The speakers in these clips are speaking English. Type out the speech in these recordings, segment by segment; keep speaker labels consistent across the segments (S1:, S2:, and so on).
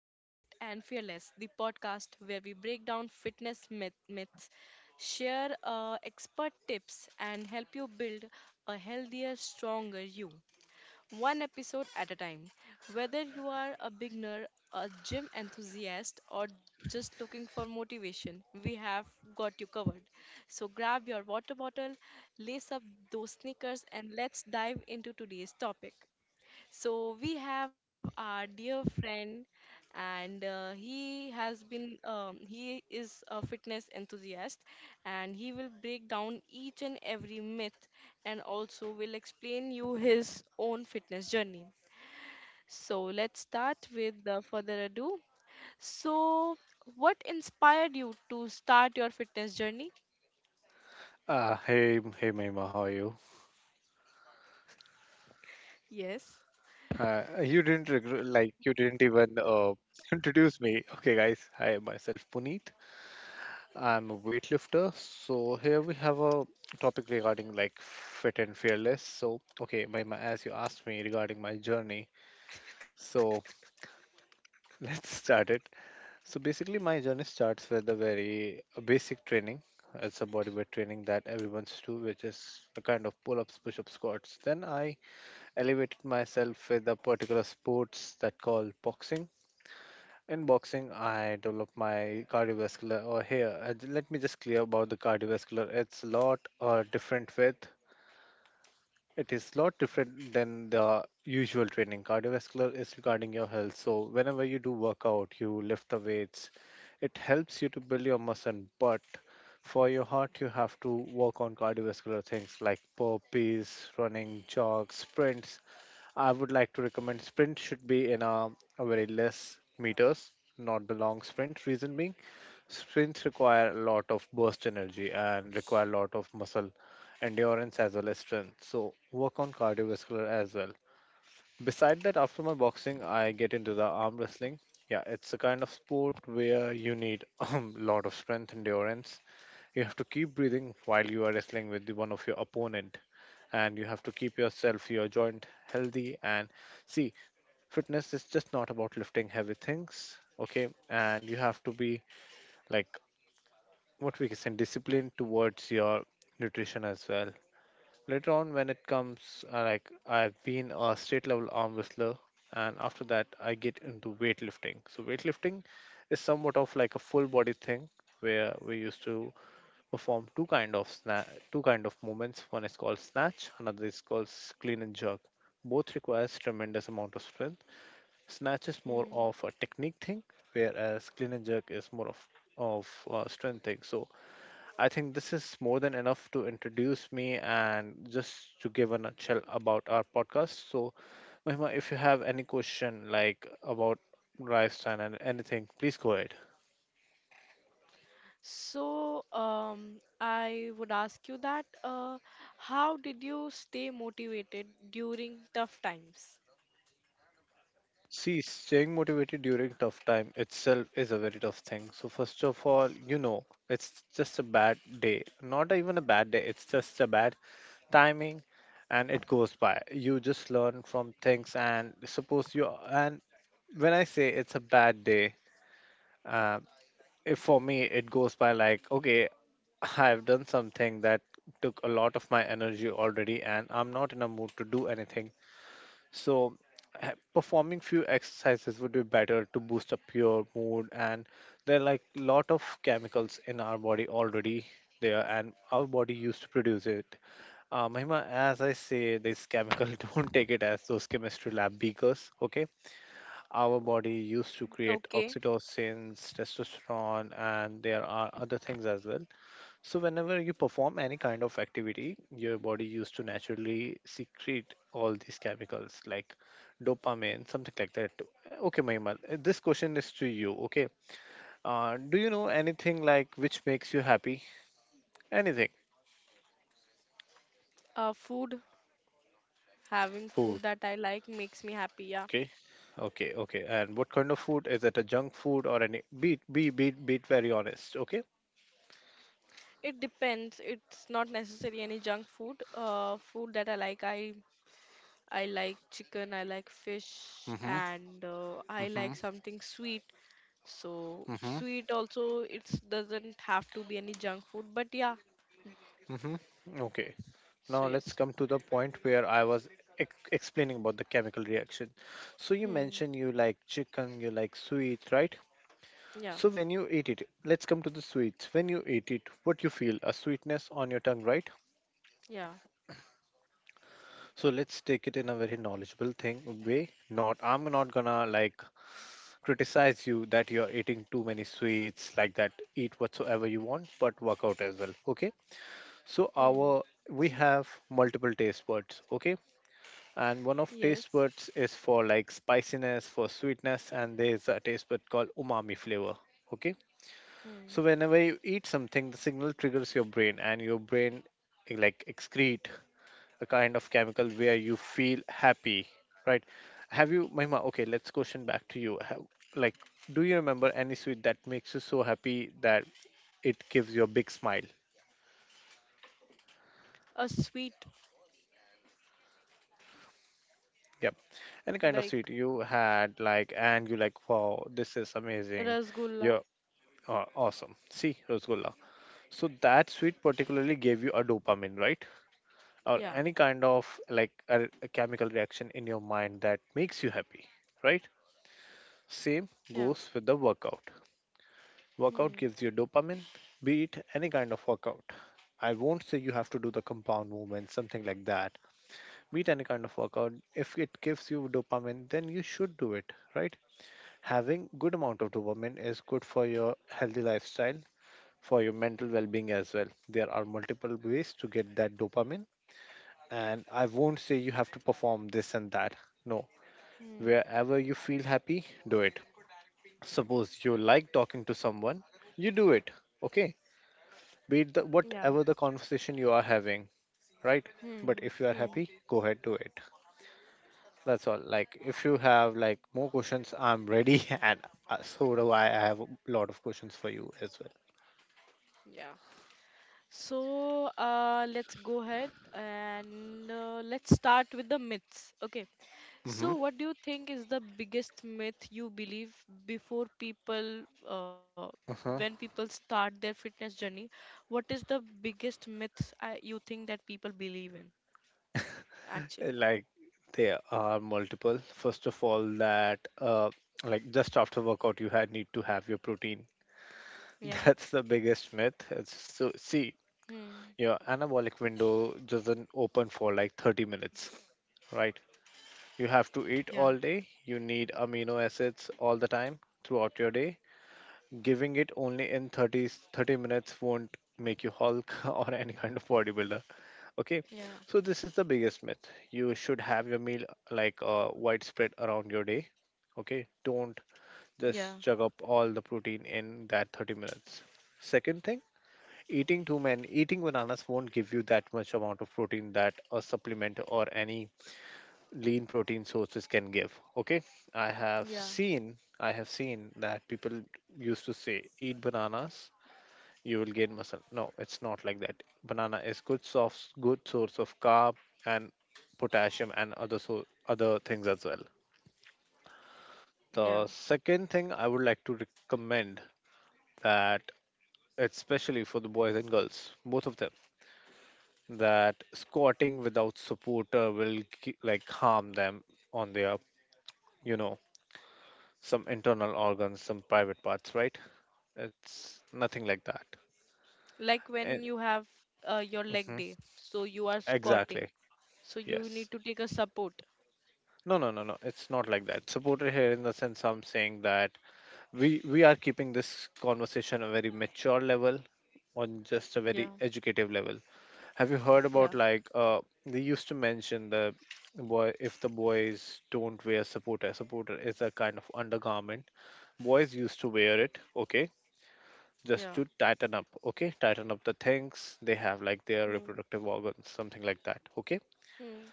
S1: and Fearless, the podcast where we break down myths, share expert tips, and help you build a healthier, stronger you, one episode at a time. Whether you are a beginner, a gym enthusiast, or just looking for motivation, we have got you covered. So, grab your water bottle, lace up those sneakers, and let's dive into today's topic. So we have our dear friend, and he has been he is a fitness enthusiast, and he will break down each and every myth, and also will explain you his own fitness journey. So let's start with further ado. So, what inspired you to start your fitness journey?
S2: Hey, hey, Mahima, how are you?
S1: Yes.
S2: You didn't like you didn't even introduce me. Okay, guys, hi, myself Puneet. I'm a weightlifter. So here we have a topic regarding like fit and fearless. So okay, Mahima, as you asked me regarding my journey, so let's start it. So basically, my journey starts with a very basic training. It's a bodyweight training that everyone's do, which is a kind of pull-ups, push-ups, squats. Then I elevated myself with a particular sports that called boxing. In boxing, I developed my cardiovascular. Or here, let me just clear about the cardiovascular. It is lot different than the usual training. Cardiovascular is regarding your health. So whenever you do workout, you lift the weights. It helps you to build your muscle, but for your heart, you have to work on cardiovascular things like burpees, running, jogs, sprints. I would like to recommend sprint should be in a very less meters, not the long sprint. Reason being, sprints require a lot of burst energy and require a lot of muscle endurance as well as strength. So work on cardiovascular as well. Beside that, after my boxing, I get into the arm wrestling. Yeah, it's a kind of sport where you need a lot of strength, endurance. You have to keep breathing while you are wrestling with the one of your opponent, and you have to keep yourself, your joint healthy. And see, fitness is just not about lifting heavy things, okay? And you have to be like what we can say disciplined towards your nutrition as well. Later on, when it comes, like I've been a state level arm wrestler, and after that, I get into weightlifting. So, weightlifting is somewhat of like a full body thing where we used to perform two kind of movements. One is called snatch, another is called clean and jerk. Both requires tremendous amount of strength. Snatch is more of a technique thing, whereas clean and jerk is more of strength thing. So I think this is more than enough to introduce me and just to give a nutshell about our podcast. So, Mahima, if you have any question like about lifestyle and anything, please go ahead.
S1: So, I would ask you that how did you stay motivated during tough times?
S2: See, staying motivated during tough time itself is a very tough thing. So first of all, you know, it's just a bad day. Not even a bad day, it's just a bad timing and it goes by. You just learn from things and suppose you and when I say it's a bad day, uh, if for me it goes by like okay, I've done something that took a lot of my energy already and I'm not in a mood to do anything. So performing few exercises would be better to boost up your mood, and there are like lot of chemicals in our body already there and our body used to produce it. Mahima, as I say, this chemical, don't take it as those chemistry lab beakers, okay? Our body used to
S1: Okay.
S2: create oxytocins, testosterone, and there are other things as well. So, whenever you perform any kind of activity, your body used to naturally secrete all these chemicals like dopamine, something like that. Too. Okay, Mahimal, this question is to you. Okay, do you know anything like which makes you happy? Anything?
S1: Food, having food
S2: Food.
S1: that I like makes me happy, yeah.
S2: Okay. Okay, okay. And what kind of food? Is it a junk food or any? Be very honest. Okay.
S1: It depends. It's not necessarily any junk food. Food that I like, I like chicken, I like fish,
S2: Mm-hmm.
S1: and I
S2: Mm-hmm.
S1: like something sweet. So
S2: Mm-hmm.
S1: sweet also, it doesn't have to be any junk food, but yeah.
S2: Hmm. Okay.
S1: So
S2: Now let's
S1: yes.
S2: come to the point where I was explaining about the chemical reaction. So you
S1: Hmm.
S2: mentioned you like chicken, you like sweets, right?
S1: Yeah,
S2: So when you eat it, let's come to the sweets. When you eat it, what you feel? A sweetness on your tongue, right?
S1: yeah.
S2: So let's take it in a very knowledgeable thing way. Not I'm not gonna like criticize you that you're eating too many sweets like that. Eat whatsoever you want, but work out as well. Okay. So
S1: Hmm.
S2: our we have multiple taste buds. Okay. And one of
S1: Yes.
S2: taste buds is for like spiciness, for sweetness, and there's a taste bud called umami flavor. Okay,
S1: Hmm.
S2: so whenever you eat something, the signal triggers your brain, and your brain like excrete a kind of chemical where you feel happy, right? Have you, Mahima? Okay, let's question back to you. Have, like, do you remember any sweet that makes you so happy that it gives you a big smile?
S1: A sweet
S2: Yep. Any kind of
S1: like
S2: sweet you had, like, and you like, wow, this is amazing.
S1: rasgulla.
S2: Yeah. Awesome. See, Rosgulla. So that sweet particularly gave you a dopamine, right? Or
S1: Yeah,
S2: any kind of like a chemical reaction in your mind that makes you happy, right? Same
S1: yeah.
S2: goes with the workout. Workout
S1: Hmm.
S2: gives you dopamine, be it any kind of workout. I won't say you have to do the compound movement, something like that. Be it any kind of workout. If it gives you dopamine, then you should do it, right? Having good amount of dopamine is good for your healthy lifestyle, for your mental well-being as well. There are multiple ways to get that dopamine, and I won't say you have to perform this and that. No,
S1: Hmm.
S2: wherever you feel happy, do it. Suppose you like talking to someone, you do it. Okay, be it the,
S1: Yeah.
S2: whatever the conversation you are having, right? But
S1: Hmm.
S2: if you are
S1: Hmm.
S2: happy, go ahead, do it. That's all. Like if you have like more questions, I'm ready and so do I have a lot of questions for you as well.
S1: Yeah. So, let's go ahead and let's start with the myths. Okay. So, what do you think is the biggest myth you believe before people, uh, when
S2: Mm-hmm.
S1: people start their fitness journey? What is the biggest myth you think that people believe in actually?
S2: Like there are multiple. First of all, that like just after workout you had need to have your protein.
S1: Yeah.
S2: That's the biggest myth. It's, so see,
S1: Hmm.
S2: your anabolic window doesn't open for like 30 minutes, right? You have to eat
S1: Yeah.
S2: all day, you need amino acids all the time throughout your day. Giving it only in thirty minutes won't make you hulk or any kind of bodybuilder. Okay,
S1: Yeah.
S2: so this is the biggest myth. You should have your meal like widespread around your day. Okay, don't
S1: Yeah.
S2: just chug up all the protein in that 30 minutes. Second thing, eating too many, eating bananas won't give you that much amount of protein that a supplement or any lean protein sources can give. Okay,
S1: Yeah.
S2: I have seen that people used to say eat bananas, you will gain muscle. No, it's not like that. Banana is good, soft, good source of carb and potassium and other, so other things as well. The
S1: Yeah.
S2: second thing I would like to recommend, that especially for the boys and girls, both of them, that squatting without supporter will like harm them on their, you know, some internal organs, some private parts, right? It's nothing like that.
S1: Like when you
S2: Eh,
S1: have your leg
S2: mhm,
S1: day, so you are squatting,
S2: exactly,
S1: so you
S2: yes.
S1: need to take a support.
S2: No, no, no, no. It's not like that. Supporter here in the sense I'm saying that we are keeping this conversation a very mature level, on just a very
S1: Yeah.
S2: educative level. Have you heard about
S1: Yeah.
S2: like they used to mention the boy if the boys don't wear supporter, supporter is a kind of undergarment. Boys used to wear it, okay, just
S1: Yeah.
S2: to tighten up, okay, tighten up the things they have like their
S1: Hmm.
S2: reproductive organs, something like that, okay.
S1: Hmm.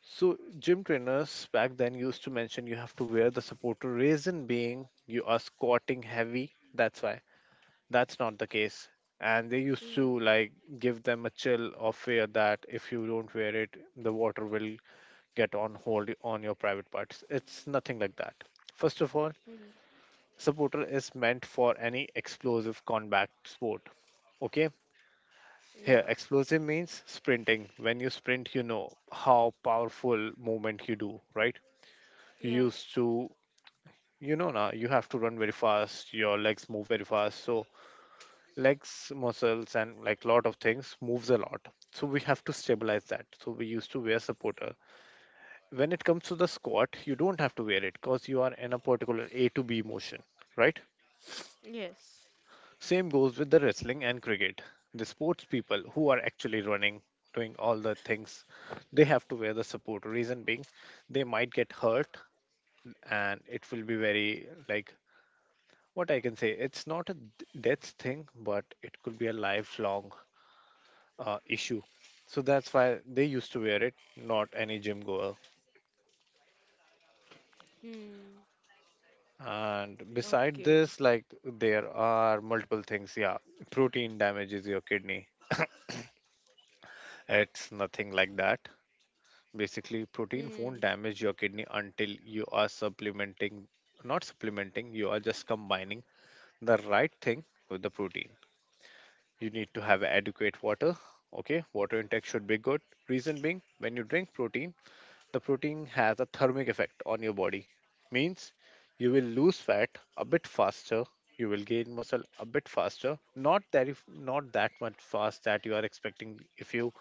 S2: So gym trainers back then used to mention you have to wear the supporter. Reason being you are squatting heavy. That's why. That's not the case. And they used
S1: Hmm.
S2: to like give them a chill of fear that if you don't wear it, the water will get on hold on your private parts. It's nothing like that. First of all,
S1: Hmm.
S2: supporter is meant for any explosive combat sport. Okay, here
S1: Yeah.
S2: explosive means sprinting. When you sprint, you know how powerful movement you do, right? You
S1: Yeah.
S2: used to, you know, now you have to run very fast, your legs move very fast. So legs muscles and like lot of things moves a lot, so we have to stabilize that, so we used to wear supporter. When it comes to the squat, you don't have to wear it because you are in a particular A to B motion, right?
S1: Yes.
S2: Same goes with the wrestling and cricket. The sports people who are actually running, doing all the things, they have to wear the support. Reason being, they might get hurt, and it will be very like, what I can say, it's not a death thing, but it could be a lifelong issue. So that's why they used to wear it, not any gym goer.
S1: Hmm.
S2: And beside
S1: Okay.
S2: this, like there are multiple things. Yeah, protein damages your kidney. It's nothing like that. Basically, protein
S1: Hmm.
S2: won't damage your kidney until you are supplementing, not supplementing, you are just combining the right thing with the protein. You need to have adequate water. Okay, water intake should be good. Reason being, when you drink protein, the protein has a thermic effect on your body. Means you will lose fat a bit faster, you will gain muscle a bit faster. not that if Not that much fast that you are expecting. If you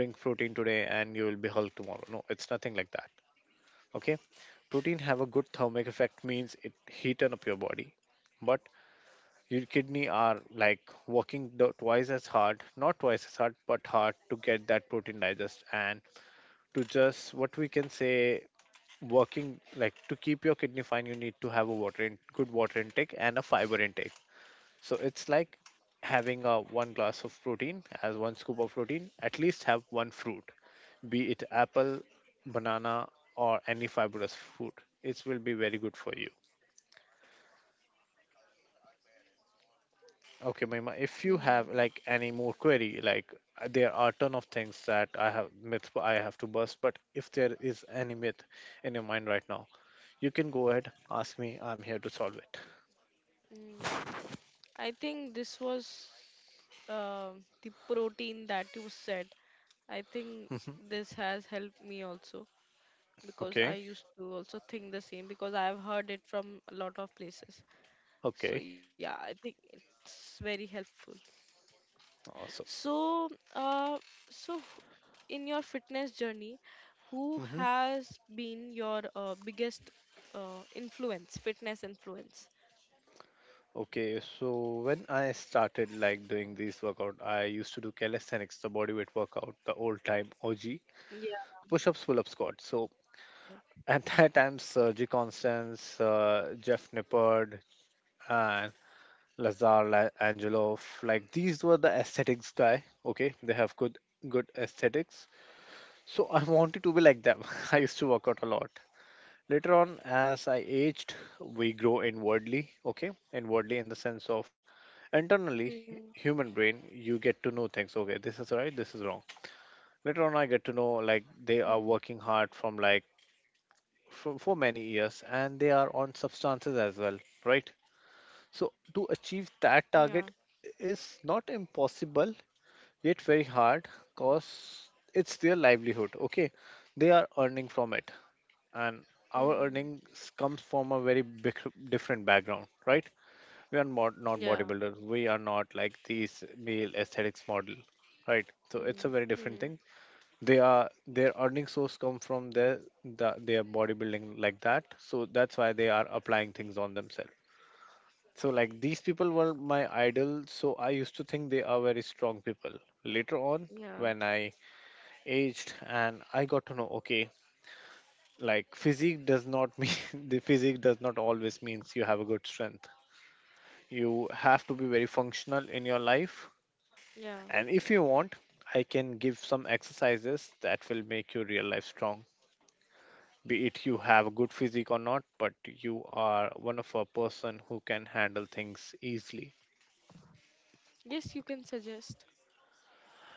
S2: drink protein today and you will be hulk tomorrow, no, it's nothing like that. Okay, protein have a good thermic effect, means it heaten up your body. But your kidney are like working twice as hard, not twice as hard, but hard to get that protein digest and to just what we can say, working like to keep your kidney fine. You need to have a water in, good water intake and a fiber intake. So it's like having a one glass of protein as one scoop of protein, at least have one fruit. Be it apple, banana, or any fibrous fruit, it will be very good for you. Okay, Mahima, if you have
S1: Hmm.
S2: like any more query, like there are ton of things that I have myth I have to bust, but if there is any myth in your mind right now, you can go ahead, ask me. I'm here to solve it.
S1: Hmm. I think this was uh, the protein that you said. I think
S2: Mhm.
S1: this has helped me also, because I
S2: Okay.
S1: used to also think the same because I have heard it from a lot of places. So
S2: Okay.
S1: yeah, I think it's very helpful.
S2: Awesome.
S1: So, uh, so in your fitness journey, who
S2: Hmm.
S1: has been your biggest influence, fitness influence?
S2: Okay. So when I started like doing these workout, I used to do calisthenics, the bodyweight workout, the old time OG,
S1: Yeah.
S2: push-ups, pull-up squats. So at that time, Sergi Constance, Jeff Nippard, and Lazar, Angelov, like these were the aesthetics guy. Okay, they have good good aesthetics. So I wanted to be like them. I used to work out a lot. Later on, as I aged, we grow inwardly. Okay, inwardly in the sense
S1: Hmm.
S2: of internally, human brain, you get to know things. Okay, this is right, this is wrong. Later on, I get
S1: Hmm.
S2: to know like they are working hard from like for many years, and they are on substances as well, right? So, to achieve
S1: Yeah.
S2: that target is not impossible, yet very hard because it's their livelihood. Okay, they are earning from it, and
S1: Hmm.
S2: our earnings comes from a very big, different background, right? We are not
S1: Yeah.
S2: bodybuilders, we are not like these male aesthetics model, right? So, it's a
S1: Hmm.
S2: very different
S1: Hmm.
S2: thing. They are their earning source come from their bodybuilding like that, so that's why they are applying things on themselves. So, like these people were my idol, so I used to think they are very strong people. Later on,
S1: Yeah.
S2: when I aged and I got to know, okay, like physique does not mean the physique does not always means you have a good strength. You have to be very functional in your life,
S1: Yeah.
S2: and if you want, I can give some exercises that will make your real life strong. Be it you have a good physique or not, but you are one of a person who can handle things easily.
S1: Yes, you can suggest.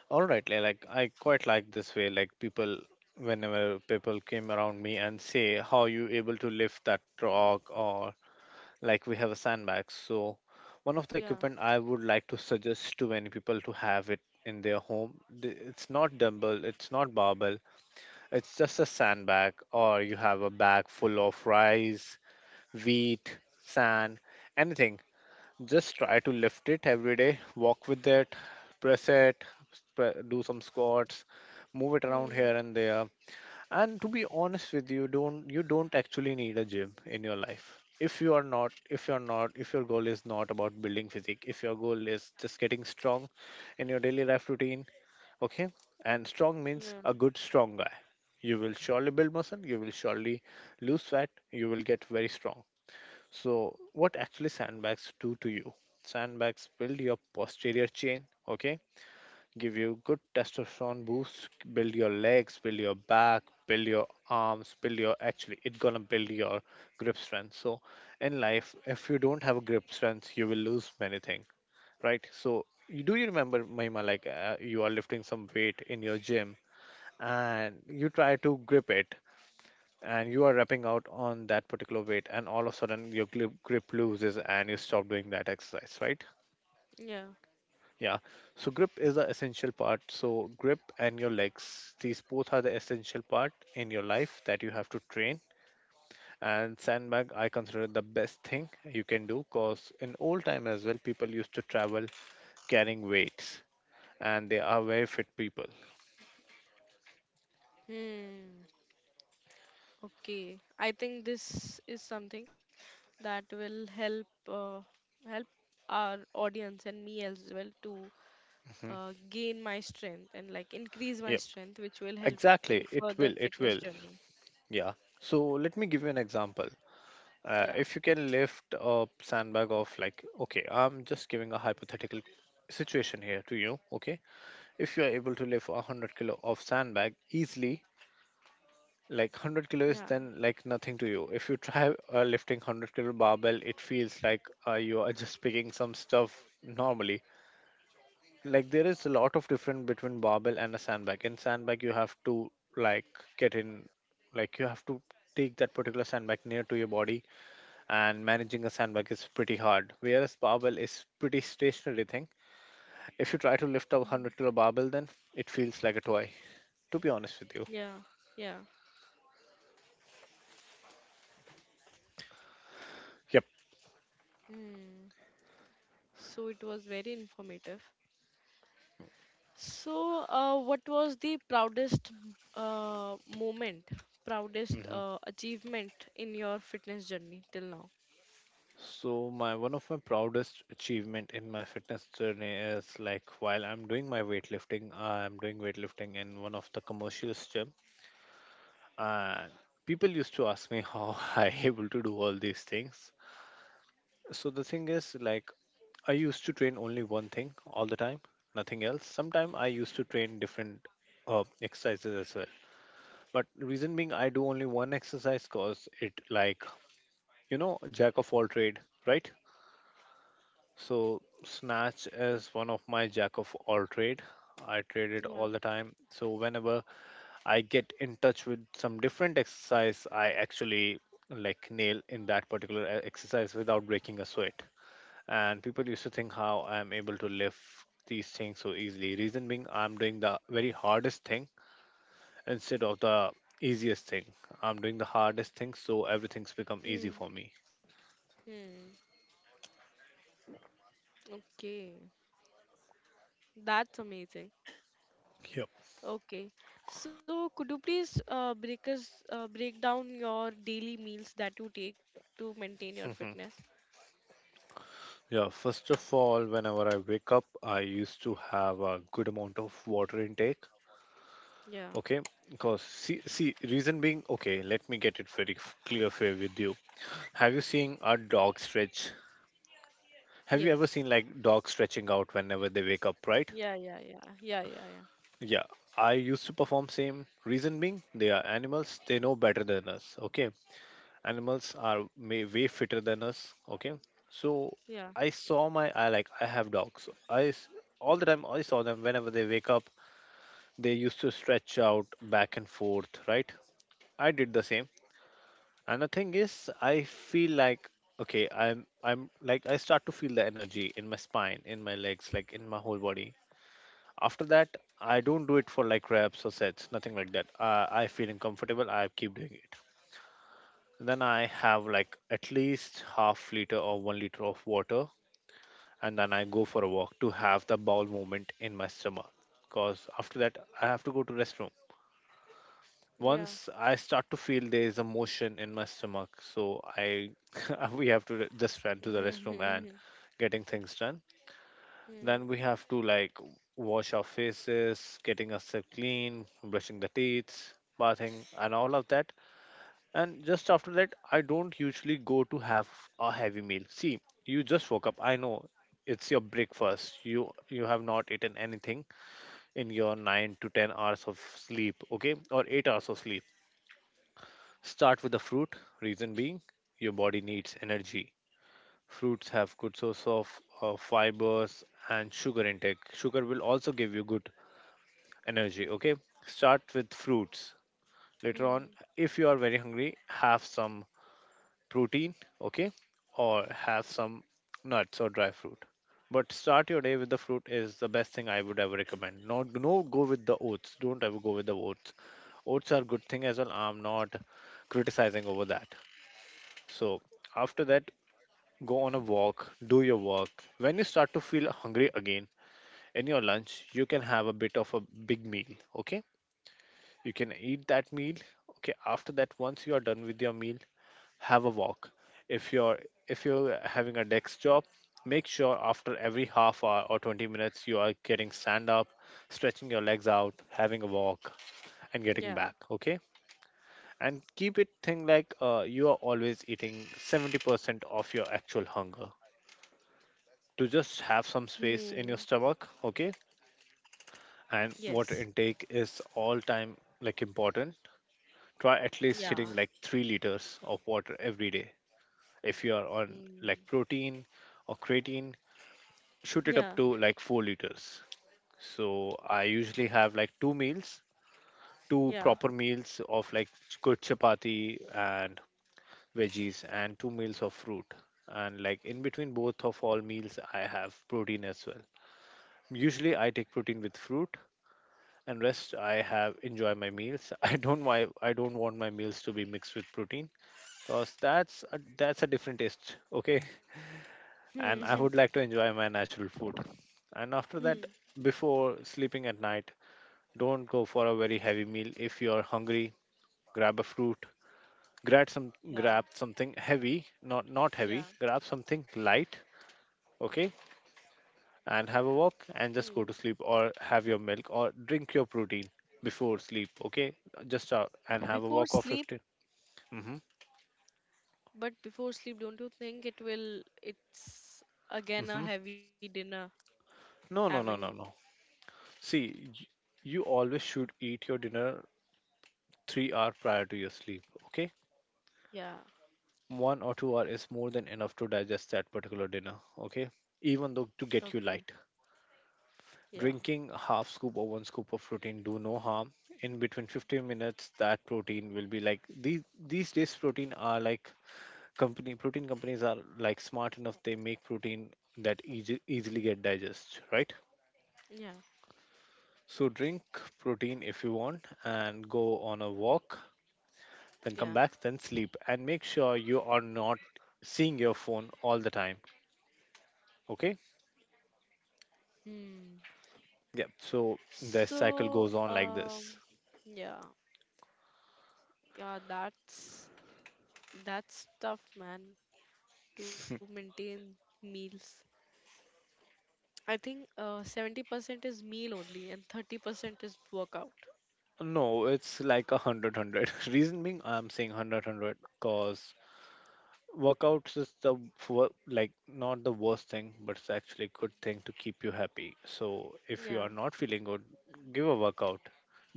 S2: All right, like I quite like this way. Like people, whenever people came around me and say, "How you able to lift that rock?" or like we have a sandbag. So one of the
S1: Yeah.
S2: equipment I would like to suggest to many people to have it in their home. It's not dumbbell, it's not barbell. It's just a sandbag, or you have a bag full of rice, wheat, sand, anything. Just try to lift it every day. Walk with it, press it, do some squats, move it around here
S1: Hmm.
S2: and there. And to be honest with you don't actually need a gym in your life. If your goal is not about building physique, if your goal is just getting strong in your daily life routine, okay? And strong means a
S1: Yeah.
S2: good strong guy. You will surely build muscle, you will surely lose fat, you will get very strong. So, what actually sandbags do to you? Sandbags build your posterior chain, okay? Give you good testosterone boost, build your legs, build your back, build your arms, build your actually it's gonna build your grip strength. So in life, if you don't have a grip strength, you will lose many things, right? So you do you remember Mahima, like, you are lifting some weight in your gym and you try to grip it and you are wrapping out on that particular weight and all of a sudden your grip loses and you stop doing that exercise, right?
S1: Yeah.
S2: Yeah. So grip is the essential part. So grip and your legs, these both are the essential part in your life that you have to train. And sandbag I consider it the best thing you can do, cause in old time as well people used to travel carrying weights, and they are very fit people.
S1: Hmm. Okay, I think this is something that will help help our audience and me as well to
S2: Mhm.
S1: gain my strength and like increase my
S2: Yep,
S1: strength, which will help in
S2: exactly, it
S1: further
S2: will it
S1: fitness
S2: will
S1: journey.
S2: Yeah, so let me give you an example.
S1: Yeah,
S2: If you can lift a sandbag of like, okay, I'm just giving a hypothetical situation here to you, okay? If you are able to lift a 100 kilo of sandbag easily, like 100 kilo is
S1: yeah,
S2: then like nothing to you. If you try lifting 100-kilo barbell, it feels like, you are just picking some stuff normally. Like there is a lot of difference between barbell and a sandbag. In sandbag you have to, like, get in, like you have to take that particular sandbag near to your body, and managing a sandbag is pretty hard. Whereas barbell is pretty stationary thing. If you try to lift up
S1: Mhm,
S2: 100-kilo barbell, then it feels like a toy. To be honest with you.
S1: yeah, yeah.
S2: Yep.
S1: Hmm. So it was very informative. So, what was the proudest uh, moment,
S2: Hmm.
S1: achievement in your fitness journey till now?
S2: So my one of my proudest achievement in my fitness journey is like while I'm doing my weightlifting, I'm doing weightlifting in one of the commercials gym, and people used to ask me how I able to do all these things. So the thing is, like, I used to train only one thing all the time, nothing else. Sometimes I used to train different exercises as well. But reason being, I do only one exercise cause it like you know jack of all trade, right? So snatch is one of my jack of all trade. I trade it all the
S1: Yeah.
S2: time. So whenever I get in touch with some different exercise, I actually like nail in that particular exercise without breaking a sweat. And people used to think how I'm able to lift these things so easily. Reason being, I'm doing the very hardest thing instead of the easiest thing. I'm doing the hardest thing, so everything's become easy for me.
S1: Hmm. Okay. That's amazing.
S2: Yep.
S1: Okay. So could you please break down your daily meals that you take to maintain your
S2: Mhm.
S1: fitness?
S2: Yeah, first of all, whenever I wake up, I used to have a good amount of water intake. Okay,
S1: Yeah.
S2: because reason being, okay, let me get it very clear fair with you. Have you seen a dog stretch? Have you ever seen
S1: Yes.
S2: like dogs stretching out whenever they wake up, right?
S1: Yeah, yeah, yeah. Yeah, yeah, yeah.
S2: Yeah, I used to perform same. Reason being, they are animals. They know better than us. Okay, animals are may, way fitter than us. Okay, so I
S1: Yeah.
S2: saw my I like I have dogs. All the time I saw them whenever they wake up. They used to stretch out back and forth. Right, I did the same. And the thing is, I feel like, okay, I'm like I start to feel the energy in my spine, in my legs, like in my whole body. After that, I don't do it for like reps or sets, nothing like that. I feeling comfortable, I keep doing it. Then I have like at least half liter or 1 liter of water, and then I go for a walk to have the bowel movement in my stomach. Because after that, I have to go to restroom. Once
S1: Yeah.
S2: I start to feel there is a motion in my stomach, so I we have to just run to the restroom and
S1: Hmm.
S2: getting things done. Then we
S1: Hmm.
S2: have to like wash our faces, getting ourselves clean, brushing the teeth, bathing, and all of that. And just after that, I don't usually go to have a heavy meal. See, you just woke up. I know it's your breakfast. You have not eaten anything in your 9 to 10 hours of sleep, okay, or 8 hours of sleep. Start with the fruit. Reason being, your body needs energy. Fruits have good source of fibers and sugar intake. Sugar will also give you good energy. Okay, start with fruits. Later on,
S1: Hmm.
S2: if you are very hungry, have some protein. Okay, or have some nuts or dry fruit. But start your day with the fruit is the best thing I would ever recommend. Not no Go with the oats. Don't ever go with the oats. Oats are good thing as well. I'm not criticizing over that. So after that, go on a walk. Do your work. When you start to feel hungry again in your lunch, you can have a bit of a big meal. Okay. You can eat that meal. Okay, after that, once you are done with your meal, have a walk. If you're if you're having a desk job, make sure after every half hour or 20 minutes you are getting stand up, stretching your legs out, having a walk, and getting back.
S1: Yeah.
S2: Okay, and keep it thing like you are always eating 70% of your actual hunger to just have some space
S1: Hmm.
S2: in your stomach. Okay, and water
S1: Yes.
S2: intake is all time like important. Try at least hitting
S1: Yeah.
S2: like 3 liters of water every day. If you are on like
S1: Hmm.
S2: protein or creatine, shoot it up
S1: Yeah.
S2: to like 4 liters. So I usually have like two meals, two
S1: Yeah.
S2: proper meals of like good chapati and veggies, and two meals of fruit. And like in between both of all meals, I have protein as well. Usually I take protein with fruit, and rest I have enjoy my meals. I don't want my meals to be mixed with protein because that's a different taste, okay. And
S1: Hmm.
S2: I would like to enjoy my natural food. And after
S1: Hmm.
S2: that, before sleeping at night, don't go for a very heavy meal. If you're hungry, grab a fruit.
S1: Yeah.
S2: Grab something heavy, not heavy,
S1: Yeah.
S2: grab something light. Okay, and have a walk and
S1: Hmm.
S2: just go to sleep, or have your milk or drink your protein before sleep. Okay, just out and have a
S1: Before
S2: walk of
S1: sleep.
S2: 15. Mm-hmm,
S1: But before sleep, don't you think it will? It's again a
S2: mm-hmm.
S1: heavy dinner.
S2: No, no,
S1: Having
S2: no, no, no. see y- you always should eat your dinner 3 hour prior to your sleep. Okay,
S1: yeah,
S2: 1 or 2 hour is more than enough to digest that particular dinner. Okay, even though to
S1: okay,
S2: get you light,
S1: yeah,
S2: drinking a half scoop or one scoop of protein do no harm. In between 15 minutes, that protein will be like these days protein are like company, protein companies are like smart enough. They make protein that easily get digest, right?
S1: yeah,
S2: So drink protein if you want and go on a walk, then come
S1: yeah.
S2: back, then sleep. And make sure you are not seeing your phone all the time. Okay,
S1: Hmm.
S2: yeah, so the cycle
S1: So
S2: goes on like this.
S1: yeah, yeah. That's tough, man. To maintain meals, I think 70% is meal only, and 30% is workout.
S2: No, it's like a hundred hundred. Reason being I'm saying hundred hundred, cause workouts is like not the worst thing, but it's actually a good thing to keep you happy. So if you
S1: Yeah.
S2: are not feeling good, give a workout.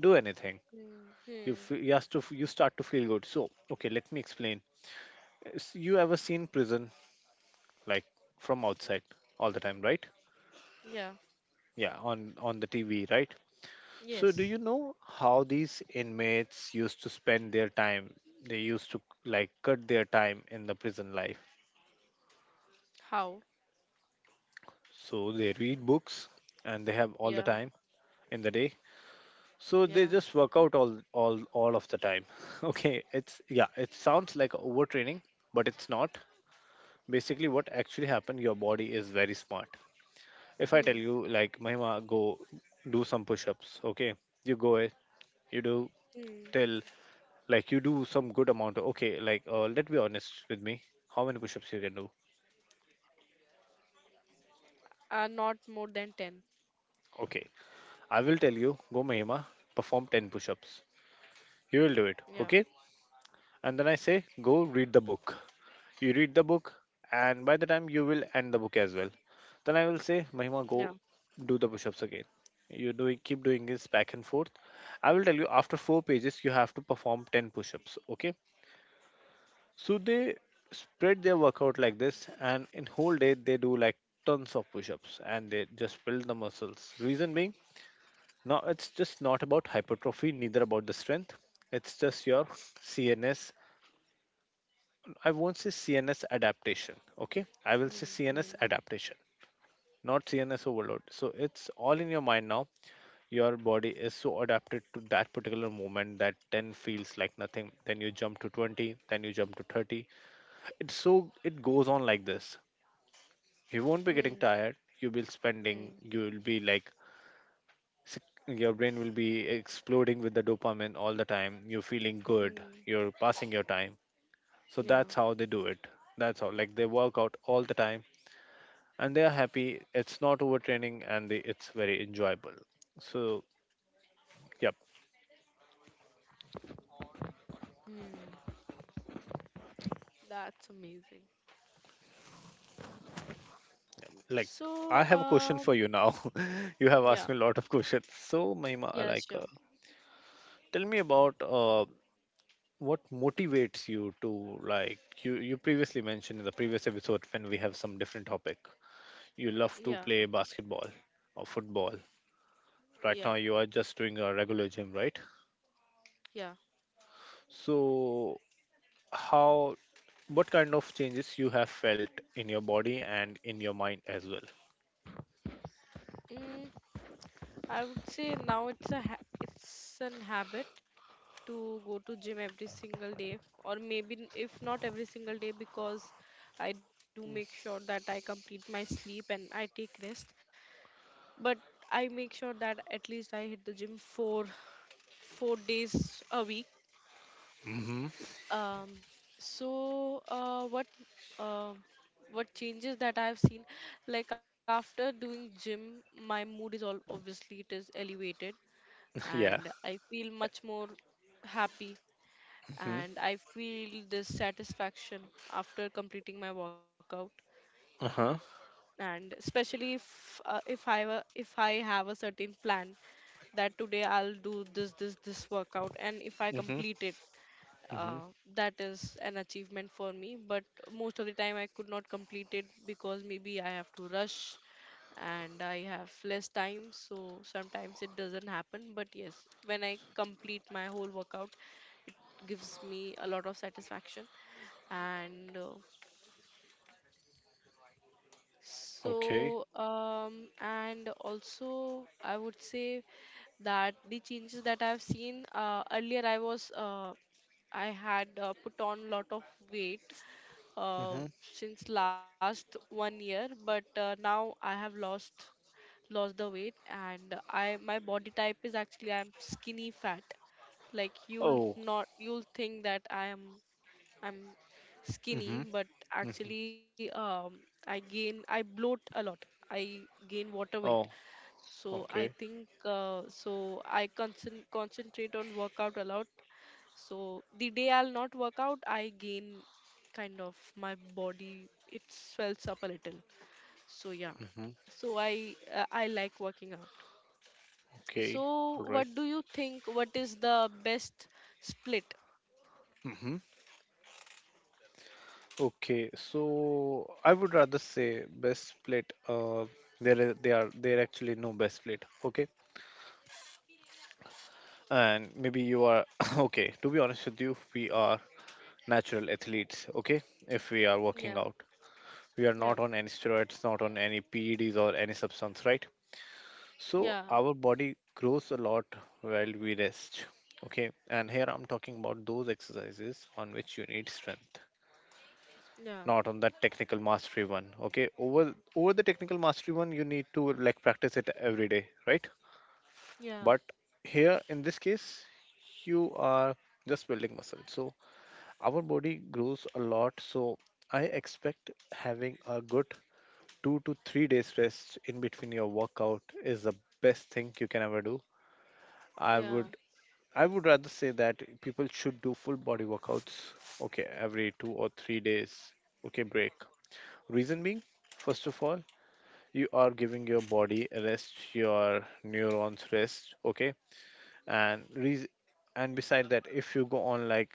S2: Do anything.
S1: Hmm.
S2: You
S1: Hmm.
S2: f- you, has to f- you start to feel good. So okay, let me explain. Is you ever seen prison, like, from outside all the time, right?
S1: Yeah.
S2: Yeah, on the TV, right? So do
S1: Yes.
S2: you know how these inmates used to spend their time? They used to, like, cut their time in the prison life.
S1: How?
S2: So they read books, and they have all the
S1: Yeah.
S2: time in the day. So they
S1: Yeah.
S2: just work out all of the time. Okay, it's yeah, it sounds like overtraining, but it's not. Basically what actually happened, your body is very smart. If I
S1: Hmm.
S2: tell you, like, Mahima, go do some push-ups, okay, you go it, you do
S1: Hmm.
S2: till, like, you do some good amount. Okay, like, let be honest with me, how many push-ups you can do.
S1: Not more than 10.
S2: Okay, I will tell you, go Mahima, perform 10 push-ups, you will do it.
S1: Yeah,
S2: Okay, and then I say, go read the book. You read the book, and by the time you will end the book as well. Then I will say, Mahima,
S1: yeah.
S2: go do the push ups again. You do keep doing this back and forth. I will tell you after 4 pages, you have to perform 10 push ups. Okay. So they spread their workout like this, and in whole day, they do like tons of push ups, and they just build the muscles. Reason being, now it's just not about hypertrophy, neither about the strength. It's just your CNS. I won't say CNS adaptation. Okay, I will say
S1: Hmm,
S2: CNS
S1: hmm,
S2: adaptation, not CNS overload. So it's all in your mind now. Your body is so adapted to that particular moment that 10 feels like nothing. Then you jump to 20, then you jump to 30. It's so it goes on like this. You won't be getting
S1: hmm,
S2: tired. You will spending.
S1: hmm,
S2: You will be like your brain will be exploding with the dopamine all the time. You're feeling good.
S1: hmm,
S2: You're passing your time. So that's
S1: yeah,
S2: how they do it. That's how, like, they work out all the time, and they are happy. It's not overtraining, and they, it's very enjoyable. So, yep.
S1: hmm. That's amazing.
S2: Like,
S1: So,
S2: I have a question for you now. You have asked
S1: yeah,
S2: me a lot of questions. So, Mahima,
S1: yeah, sure.
S2: tell me about what motivates you to, like, you previously mentioned in the previous episode when we have some different topic. You love
S1: Yeah,
S2: to play basketball or football.
S1: yeah,
S2: Right now, you are just doing a regular gym, right?
S1: yeah.
S2: So, how, what kind of changes you have felt in your body and in your mind as well?
S1: Mm, I would say now it's a ha it's an habit to go to gym every single day, or maybe if not every single day, because I do make sure that I complete my sleep and I take rest. But I make sure that at least I hit the gym four days a week.
S2: Mm-hmm.
S1: Um, so uh, what um what changes that I've seen, like after doing gym, my mood is all obviously it is elevated,
S2: Yeah.
S1: and I feel much more happy,
S2: Mm-hmm.
S1: and I feel this satisfaction after completing my workout.
S2: Uh-huh.
S1: And especially if I have a certain plan that today I'll do this workout, and if I
S2: Mm-hmm.
S1: complete it,
S2: Mm-hmm.
S1: uh, that is an achievement for me, but most of the time I could not complete it because maybe I have to rush and I have less time, so sometimes it doesn't happen. But yes, when I complete my whole workout, gives me a lot of satisfaction. And
S2: Okay.
S1: also I would say that the changes that I've seen, earlier I was I had put on lot of weight
S2: Mm-hmm.
S1: since last one year, but now I have lost the weight, and I my body type is actually I'm skinny fat. Like you'll
S2: Oh.
S1: not you'll think that I'm skinny,
S2: Mm-hmm.
S1: but
S2: Mm-hmm.
S1: actually I gain I bloat a lot. I gain water weight.
S2: Oh.
S1: So I
S2: Okay.
S1: think so I concentrate on workout a lot, so the day I'll not work out, I gain kind of my body it swells up a little. So yeah.
S2: Mm-hmm.
S1: So I like working out.
S2: Okay. All
S1: So
S2: right.
S1: what do you think what is the best split?
S2: Mm-hmm. Okay. So I would rather say best plate. There, they are there actually no best plate. Okay. And maybe you are okay. To be honest with you, we are natural athletes. Okay. If we are working
S1: Yeah.
S2: out, we are
S1: Yeah.
S2: not on any steroids, not on any PEDs or any substance, right? So
S1: Yeah.
S2: our body grows a lot while we rest. Okay, and here I'm talking about those exercises on which you need strength,
S1: Yeah.
S2: not on that technical mastery one. Okay, over the technical mastery one, you need to, like, practice it every day, right?
S1: Yeah.
S2: But here in this case, you are just building muscle. So our body grows a lot. So I expect having a good 2 to 3 days rest in between your workout is the best thing you can ever do. I
S1: Yeah.
S2: would I would rather say that people should do full body workouts. Okay, every 2 or 3 days. Okay, break. Reason being, first of all, you are giving your body a rest, your neurons rest. Okay, and re- and beside that, if you go on like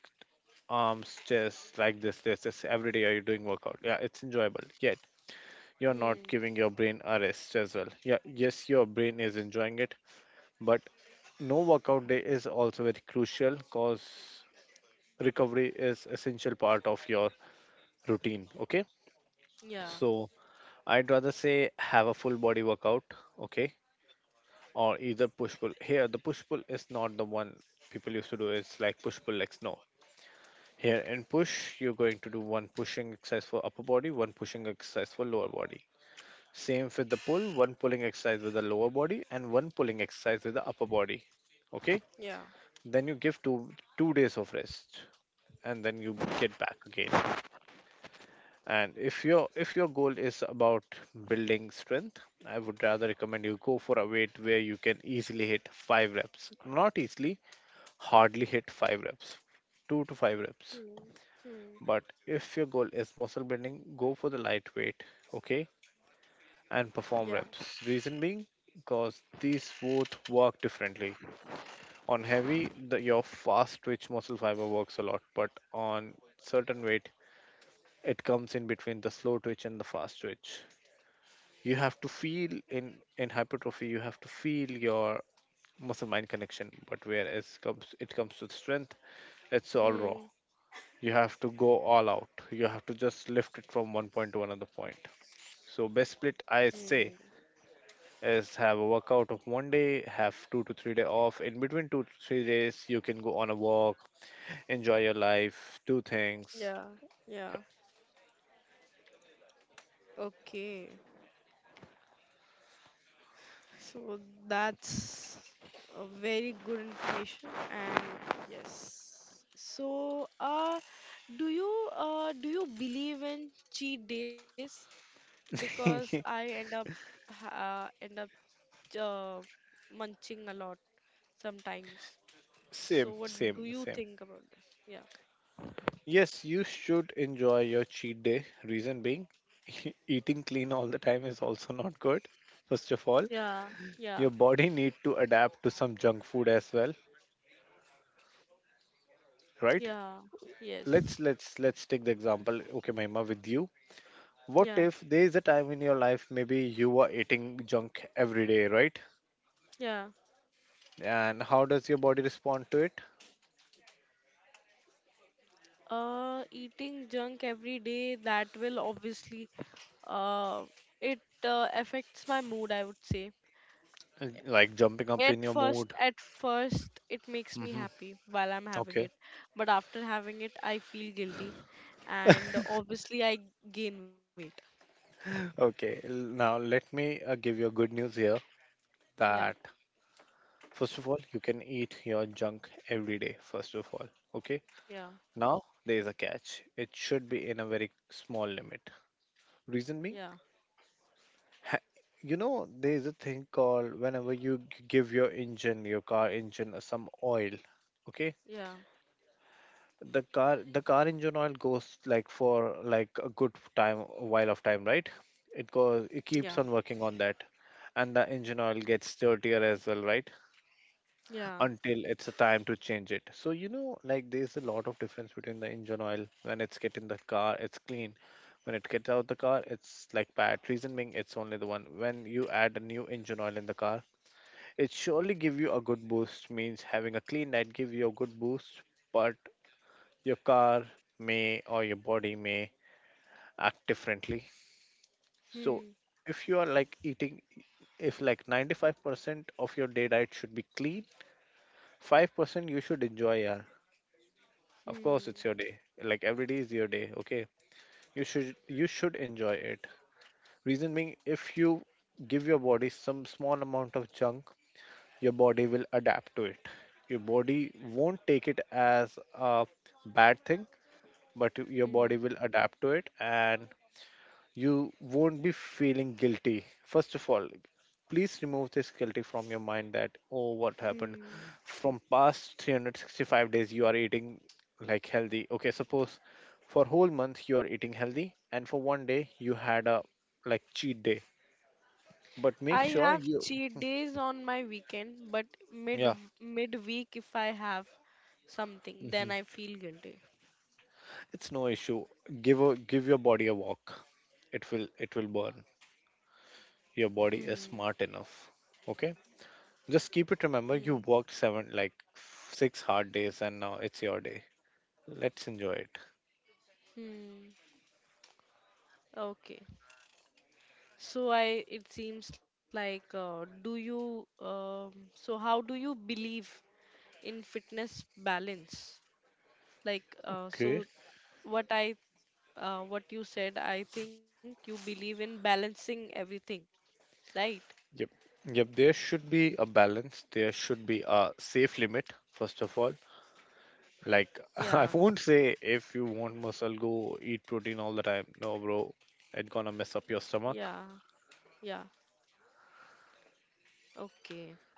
S2: arms, chest, like this every day, are you doing workout? Yeah, it's enjoyable. Yeah, you're not
S1: Hmm.
S2: giving your brain a rest as well. Yeah, yes, your brain is enjoying it, but no workout day is also very crucial because recovery is essential part of your routine. Okay,
S1: Yeah.
S2: so I'd rather say have a full body workout. Okay, or either push pull. Here, the push pull is not the one people used to do. It's like push pull legs. No, here in push, you're going to do one pushing exercise for upper body, one pushing exercise for lower body. Same with the pull, one pulling exercise with the lower body and one pulling exercise with the upper body. Okay?
S1: Yeah.
S2: Then you give two days of rest and then you get back again. And if your goal is about building strength, I would rather recommend you go for a weight where you can easily hit 5 reps. Not easily, hardly hit 5 reps. 2 to 5 reps.
S1: Hmm. Hmm.
S2: But if your goal is muscle building, go for the lightweight. Okay? And perform
S1: Yeah.
S2: reps. Reason being, because these both work differently. On heavy, the, your fast twitch muscle fiber works a lot, but on certain weight, it comes in between the slow twitch and the fast twitch. You have to feel in hypertrophy, you have to feel your muscle mind connection, but whereas comes it comes to strength, it's all raw.
S1: Hmm.
S2: You have to go all out. You have to just lift it from one point to another point. So best split, I
S1: Hmm.
S2: say, is have a workout of one day, have 2 to 3 day off. In between 2 to 3 days, you can go on a walk, enjoy your life, do things.
S1: Yeah. Yeah.
S2: Yep.
S1: Okay. So that's a very good information and yes. So do you believe in cheat days? Because I end up end up uh, munching a lot sometimes. So
S2: Same,
S1: what
S2: same,
S1: do you
S2: same.
S1: think about this? Yeah.
S2: Yes, you should enjoy your cheat day. Reason being, eating clean all the time is also not good. First of all,
S1: Yeah. Yeah.
S2: your body need to adapt to some junk food as well, right?
S1: Yeah. Yes.
S2: Let's take the example. Okay, Mahima, with you, what
S1: Yeah.
S2: if there is a time in your life maybe you are eating junk every day, right?
S1: Yeah.
S2: And how does your body respond to it?
S1: Eating junk every day, that will obviously, uh, it affects my mood, I would say.
S2: Like jumping up in
S1: At
S2: your
S1: first,
S2: mood.
S1: at first, it makes me
S2: Hmm.
S1: happy while I'm having
S2: Okay.
S1: it, but after having it, I feel guilty, and obviously, I gain weight.
S2: Okay. Now let me give you a good news here
S1: Yeah,
S2: that first of all, you can eat your junk every day, first of all. Okay.
S1: yeah,
S2: Now there is a catch. It should be in a very small limit.
S1: yeah,
S2: Reason being, ha- you know, there is a thing called whenever you give your engine, your car engine, some oil. Okay.
S1: yeah,
S2: The car engine oil goes like for like a good time, a while of time, right? It goes, it
S1: yeah,
S2: keeps on working on that, and the engine oil gets dirtier as well, right?
S1: yeah.
S2: Until it's a time to change it. So you know, like there's a lot of difference between the engine oil when it's get in the car, it's clean. When it gets out the car, it's like bad. Reason being, it's only the one. When you add a new engine oil in the car, it surely give you a good boost. Means having a clean night give you a good boost, but your car may or your body may act differently. So
S1: Hmm,
S2: if you are like eating, if like 95% of your day diet should be clean, 5% you should enjoy. Yeah, of course it's your
S1: hmm,
S2: day. Like every day is your day. Okay, you should enjoy it. Reason being, if you give your body some small amount of junk, your body will adapt to it. Your body won't take it as a bad thing, but your
S1: hmm,
S2: body will adapt to it and you won't be feeling guilty. First of all, please remove this guilty from your mind that, oh, what happened?
S1: hmm.
S2: From past 365 days, you are eating like healthy. Okay, suppose for whole month you are eating healthy and for one day you had a like cheat day. But make
S1: I
S2: sure
S1: have
S2: you,
S1: cheat days on my weekend, but mid
S2: yeah,
S1: midweek if I have something,
S2: mhm,
S1: then I feel guilty.
S2: it's no issue. Give your body a walk. It will burn. Your body
S1: Hmm.
S2: is smart enough. Okay. Just keep it.
S1: Hmm.
S2: Remember, you worked seven, like six hard days, and now it's your day. Let's enjoy it.
S1: Hmm. Okay. So I it seems like do you so how do you believe in fitness balance? Like
S2: Okay.
S1: what I what you said, I think you believe in balancing everything, right?
S2: Yep. Yep. There should be a balance. There should be a safe limit, first of all. Like, I
S1: Yeah.
S2: won't say if you want muscle, go eat protein all the time. No, bro. It's gonna mess up your stomach.
S1: Yeah. Yeah. Okay.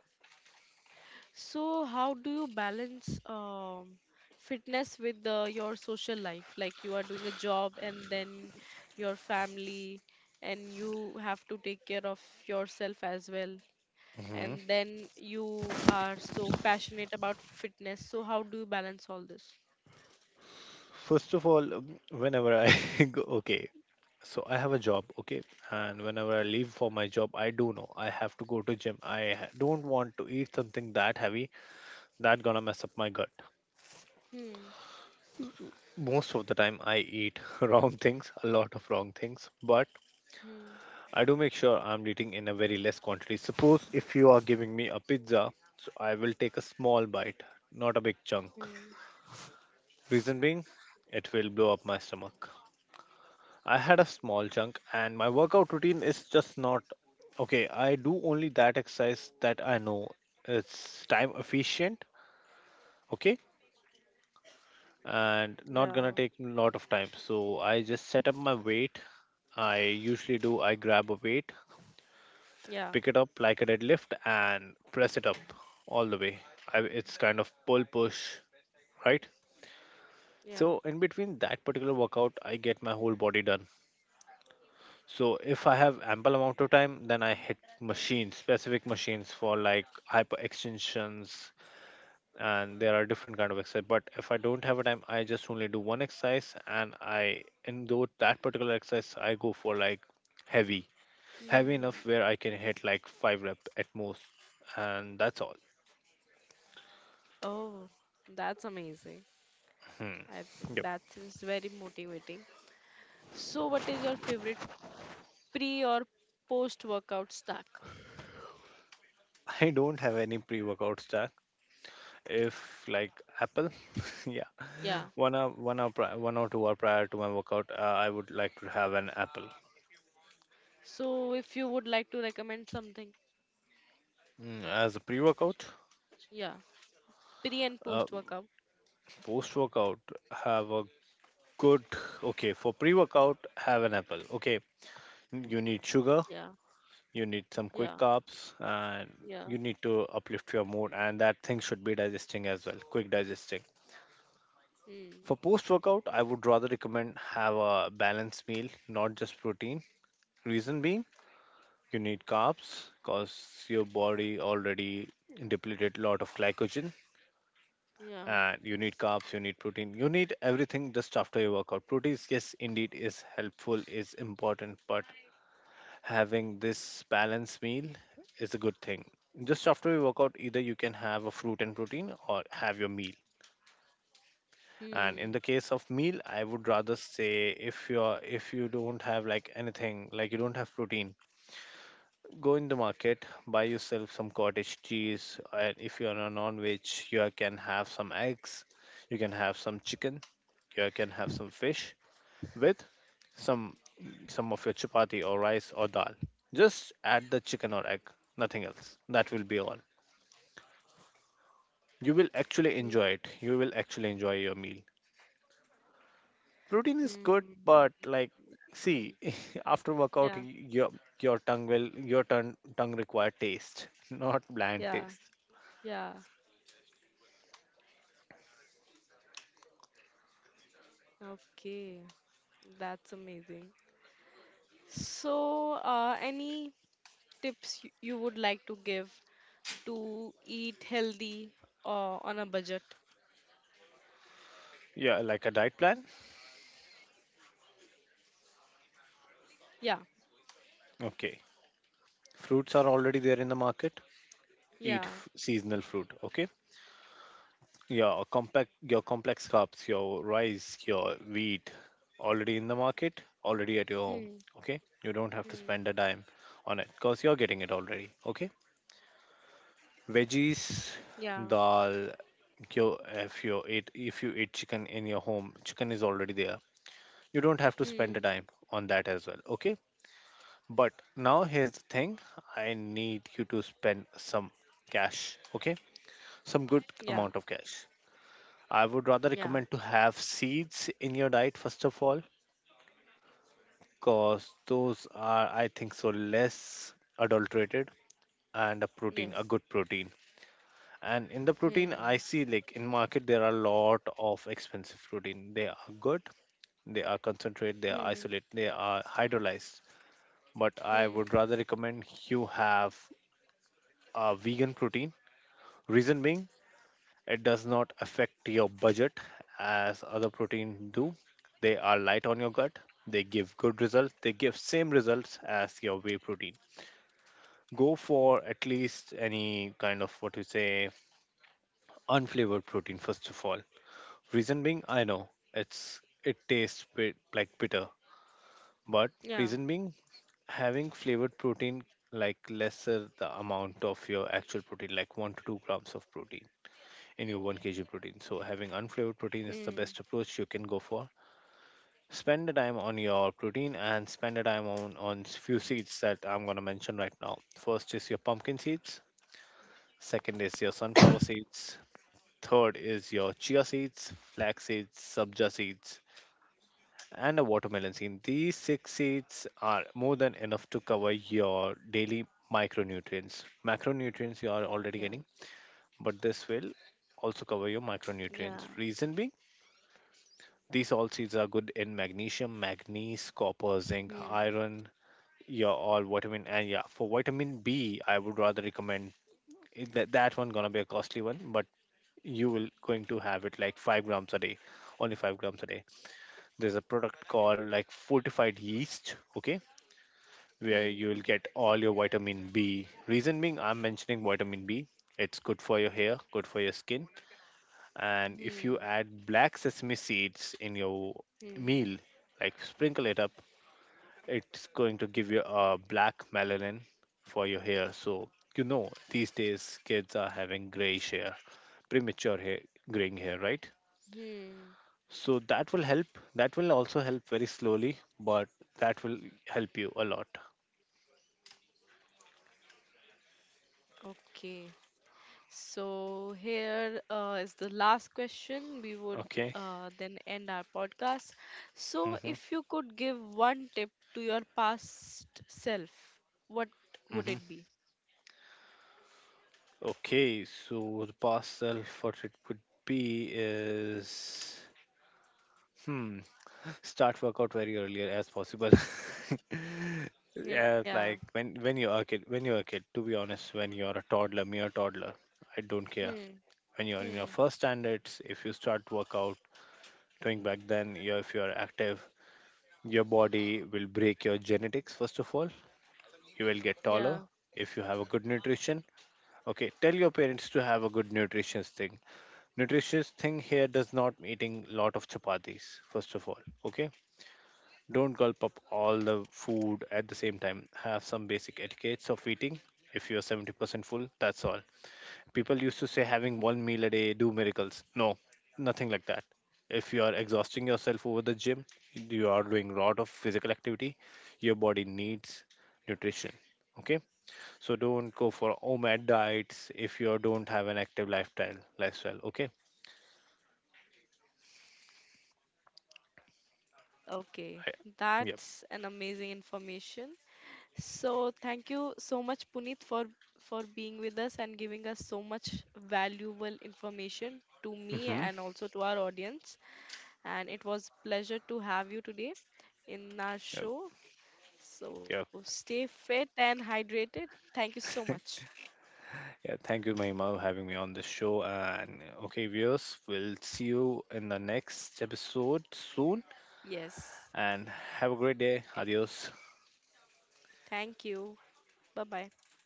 S1: So, how do you balance fitness with your social life? Like you are doing a job, and then your family, and you have to take care of yourself as well.
S2: Hmm.
S1: And then you are so passionate about fitness. So, how do you balance all this?
S2: First of all, whenever I go, okay, so I have a job, okay, and whenever I leave for my job I do know I have to go to gym. I don't want to eat something that heavy, that gonna mess up my gut.
S1: Hmm.
S2: Most of the time I eat wrong things, a lot of wrong things, but
S1: Hmm.
S2: I do make sure I'm eating in a very less quantity. Suppose if you are giving me a pizza, so I will take a small bite, not a big chunk.
S1: Hmm.
S2: Reason being, it will blow up my stomach. I had a small chunk, and my workout routine is just not okay. I do only that exercise that I know it's time efficient, okay, and not
S1: Yeah.
S2: gonna take a lot of time. So I just set up my weight. I usually do, I grab a weight,
S1: Yeah.
S2: pick it up like a deadlift, and press it up all the way. I, it's kind of pull push, right?
S1: Yeah.
S2: So in between that particular workout, I get my whole body done. So if I have ample amount of time, then I hit machines, specific machines for like hyper extensions, and there are different kind of exercise. But if I don't have a time, I just only do one exercise, and I in though that particular exercise, I go for like heavy, heavy
S1: Mm.
S2: enough where I can hit like five rep at most, and that's all.
S1: Oh, that's amazing.
S2: Hmm.
S1: I think
S2: Yep.
S1: that is very motivating. So, what is your favorite pre or post workout snack?
S2: I don't have any pre-workout stack. If like Apple, yeah.
S1: Yeah.
S2: 1 hour, 1 hour, 1 or 2 hour prior to my workout, I would like to have an apple.
S1: So if you would like to recommend something,
S2: Mm, as a pre-workout,
S1: yeah, pre and
S2: uh,
S1: post workout.
S2: post-workout, have a good. Okay, for pre-workout, have an apple. Okay, you need
S1: Yeah.
S2: sugar, you need some
S1: Yeah.
S2: quick carbs, and
S1: Yeah.
S2: you need to uplift your mood, and that thing should be digesting as well, quick digesting.
S1: Mm.
S2: For post-workout, I would rather recommend have a balanced meal, not just protein. Reason being, you need carbs because your body already depleted a lot of glycogen,
S1: Yeah.
S2: and you need carbs, you need protein, you need everything just after your workout. Proteins yes indeed is helpful, is important, but having this balanced meal is a good thing just after your workout. Either you can have a fruit and protein or have your meal. And in
S1: Hmm.
S2: the case of meal, I would rather say if you don't have like anything, like you don't have protein, go in the market, buy yourself some cottage cheese, and if you are a non-veg, you can have some eggs, you can have some chicken, you can have some fish with some some of your chapati or rice or dal. Just add the chicken or egg, nothing else. That will be all. You will actually
S1: Hmm.
S2: enjoy it. You will actually enjoy your meal. Protein is good,
S1: Hmm.
S2: but like, see,
S1: Amazing.
S2: after workout,
S1: Yeah.
S2: your tongue will your tongue require taste, not bland
S1: Yeah.
S2: taste.
S1: Yeah. Okay. That's amazing. So, any tips you would like to give to eat healthy on a budget?
S2: Yeah, like a diet plan?
S1: Yeah.
S2: Okay. Fruits are already there in the market. Eat
S1: Yeah.
S2: seasonal fruit, okay? Yeah, or compact your complex carbs, your rice, your wheat already in the market, already at your home,
S1: Hmm.
S2: okay? You don't
S1: Hmm.
S2: have to spend a dime on it because you're getting it already, okay? Veggies,
S1: Yeah.
S2: dal, your if you eat chicken in your home, chicken is already there. You don't have to spend a
S1: Hmm.
S2: dime on that as well, okay? But now here's the thing, I need you to spend some cash, okay? Some good
S1: Yeah.
S2: amount of cash. I would rather
S1: Yeah.
S2: recommend to have seeds in your diet first of all, because those are, I think, so less adulterated and a protein, a
S1: Yes.
S2: good protein. And in the protein, I
S1: Hmm.
S2: see like in market there are a lot of expensive protein. They are good, they are concentrate, they are
S1: Hmm.
S2: isolate, they are hydrolyzed. But I would
S1: Hmm.
S2: rather recommend you have a vegan protein. Reason being, it does not affect your budget as other protein do. They are light on your gut. They give good results. They give same results as your whey protein. Go for at least any kind of what you say unflavored protein first of all. Reason being, I know it's it tastes bit like bitter, but
S1: Yeah.
S2: reason being, having flavored protein like lesser the amount of your actual protein, like 1 to 2 grams of protein in your 1 kg protein. So, having unflavored protein is the best
S1: Hmm.
S2: approach you can go for. Spend the time on your protein and spend the time on few seeds that I'm going to mention right now. First is your pumpkin seeds, second is your sunflower seeds, third is your chia seeds, flax seeds, subja seeds, and a watermelon seed. These six seeds are more than enough to cover your daily micronutrients. Macronutrients you are already
S1: Yeah.
S2: getting, but this will also cover your micronutrients.
S1: Yeah.
S2: Reason being, these all seeds are good in magnesium, manganese, copper, zinc,
S1: Hmm.
S2: iron, yeah, all vitamin. And yeah, for vitamin B, I would rather recommend that one gonna be a costly one, but you will going to have it like 5 grams a day, only 5 grams a day. There's a product called like fortified yeast, okay, where you
S1: Hmm.
S2: will get all your vitamin B. Reason being, I'm mentioning vitamin B. It's good for your hair, good for your skin, and if you
S1: Hmm.
S2: add black sesame seeds in your
S1: Hmm.
S2: meal, like sprinkle it up, it's going to give you a black melanin for your hair. So, you know, these days kids are having grayish hair, premature hair, graying hair, right?
S1: Hmm.
S2: So, that will help. That will also help very slowly, but that will help you a lot.
S1: Okay. So here is the last question. We would
S2: Okay.
S1: then end our podcast. So
S2: Mm-hmm.
S1: if you could give one tip to your past self, what would
S2: Mm-hmm.
S1: it be?
S2: Okay, so the past self, what it would be is. Hmm. Start workout very earlier as possible.
S1: Yeah.
S2: Yeah, like when you are a kid, when you're a kid, to be honest, when you're a toddler, mere toddler, I don't care.
S1: Hmm.
S2: When you're in your
S1: Hmm.
S2: first standards, if you start workout doing back then, you if you're active, your body will break your genetics first of all. You will get
S1: Yeah.
S2: taller if you have a good nutrition. Okay, tell your parents to have a good nutritious thing. Nutritious thing here does not mean eating lot of chapatis, first of all. Okay, don't gulp up all the food at the same time. Have some basic etiquettes of eating. If you're 70% full, that's all. People used to say having one meal a day do miracles. No, nothing like that. If you are exhausting yourself over the gym, you are doing a lot of physical activity. Your body needs nutrition. Okay, so don't go for OMAD diets if you don't have an active lifestyle. Lifestyle. Okay.
S1: Okay.
S2: I, yep.
S1: That's an amazing information. So thank you so much, Puneet, for being with us and giving us so much valuable information to me
S2: Hmm.
S1: and also to our audience. And it was pleasure to have you today in our
S2: Yep.
S1: show.
S2: Yep.
S1: So stay fit and hydrated. Thank you so much.
S2: Yeah, thank you, Mahima, for having me on this show. And okay, viewers, we'll see you in the next episode soon.
S1: Yes.
S2: And have a great day. Adios.
S1: Thank you. Bye bye.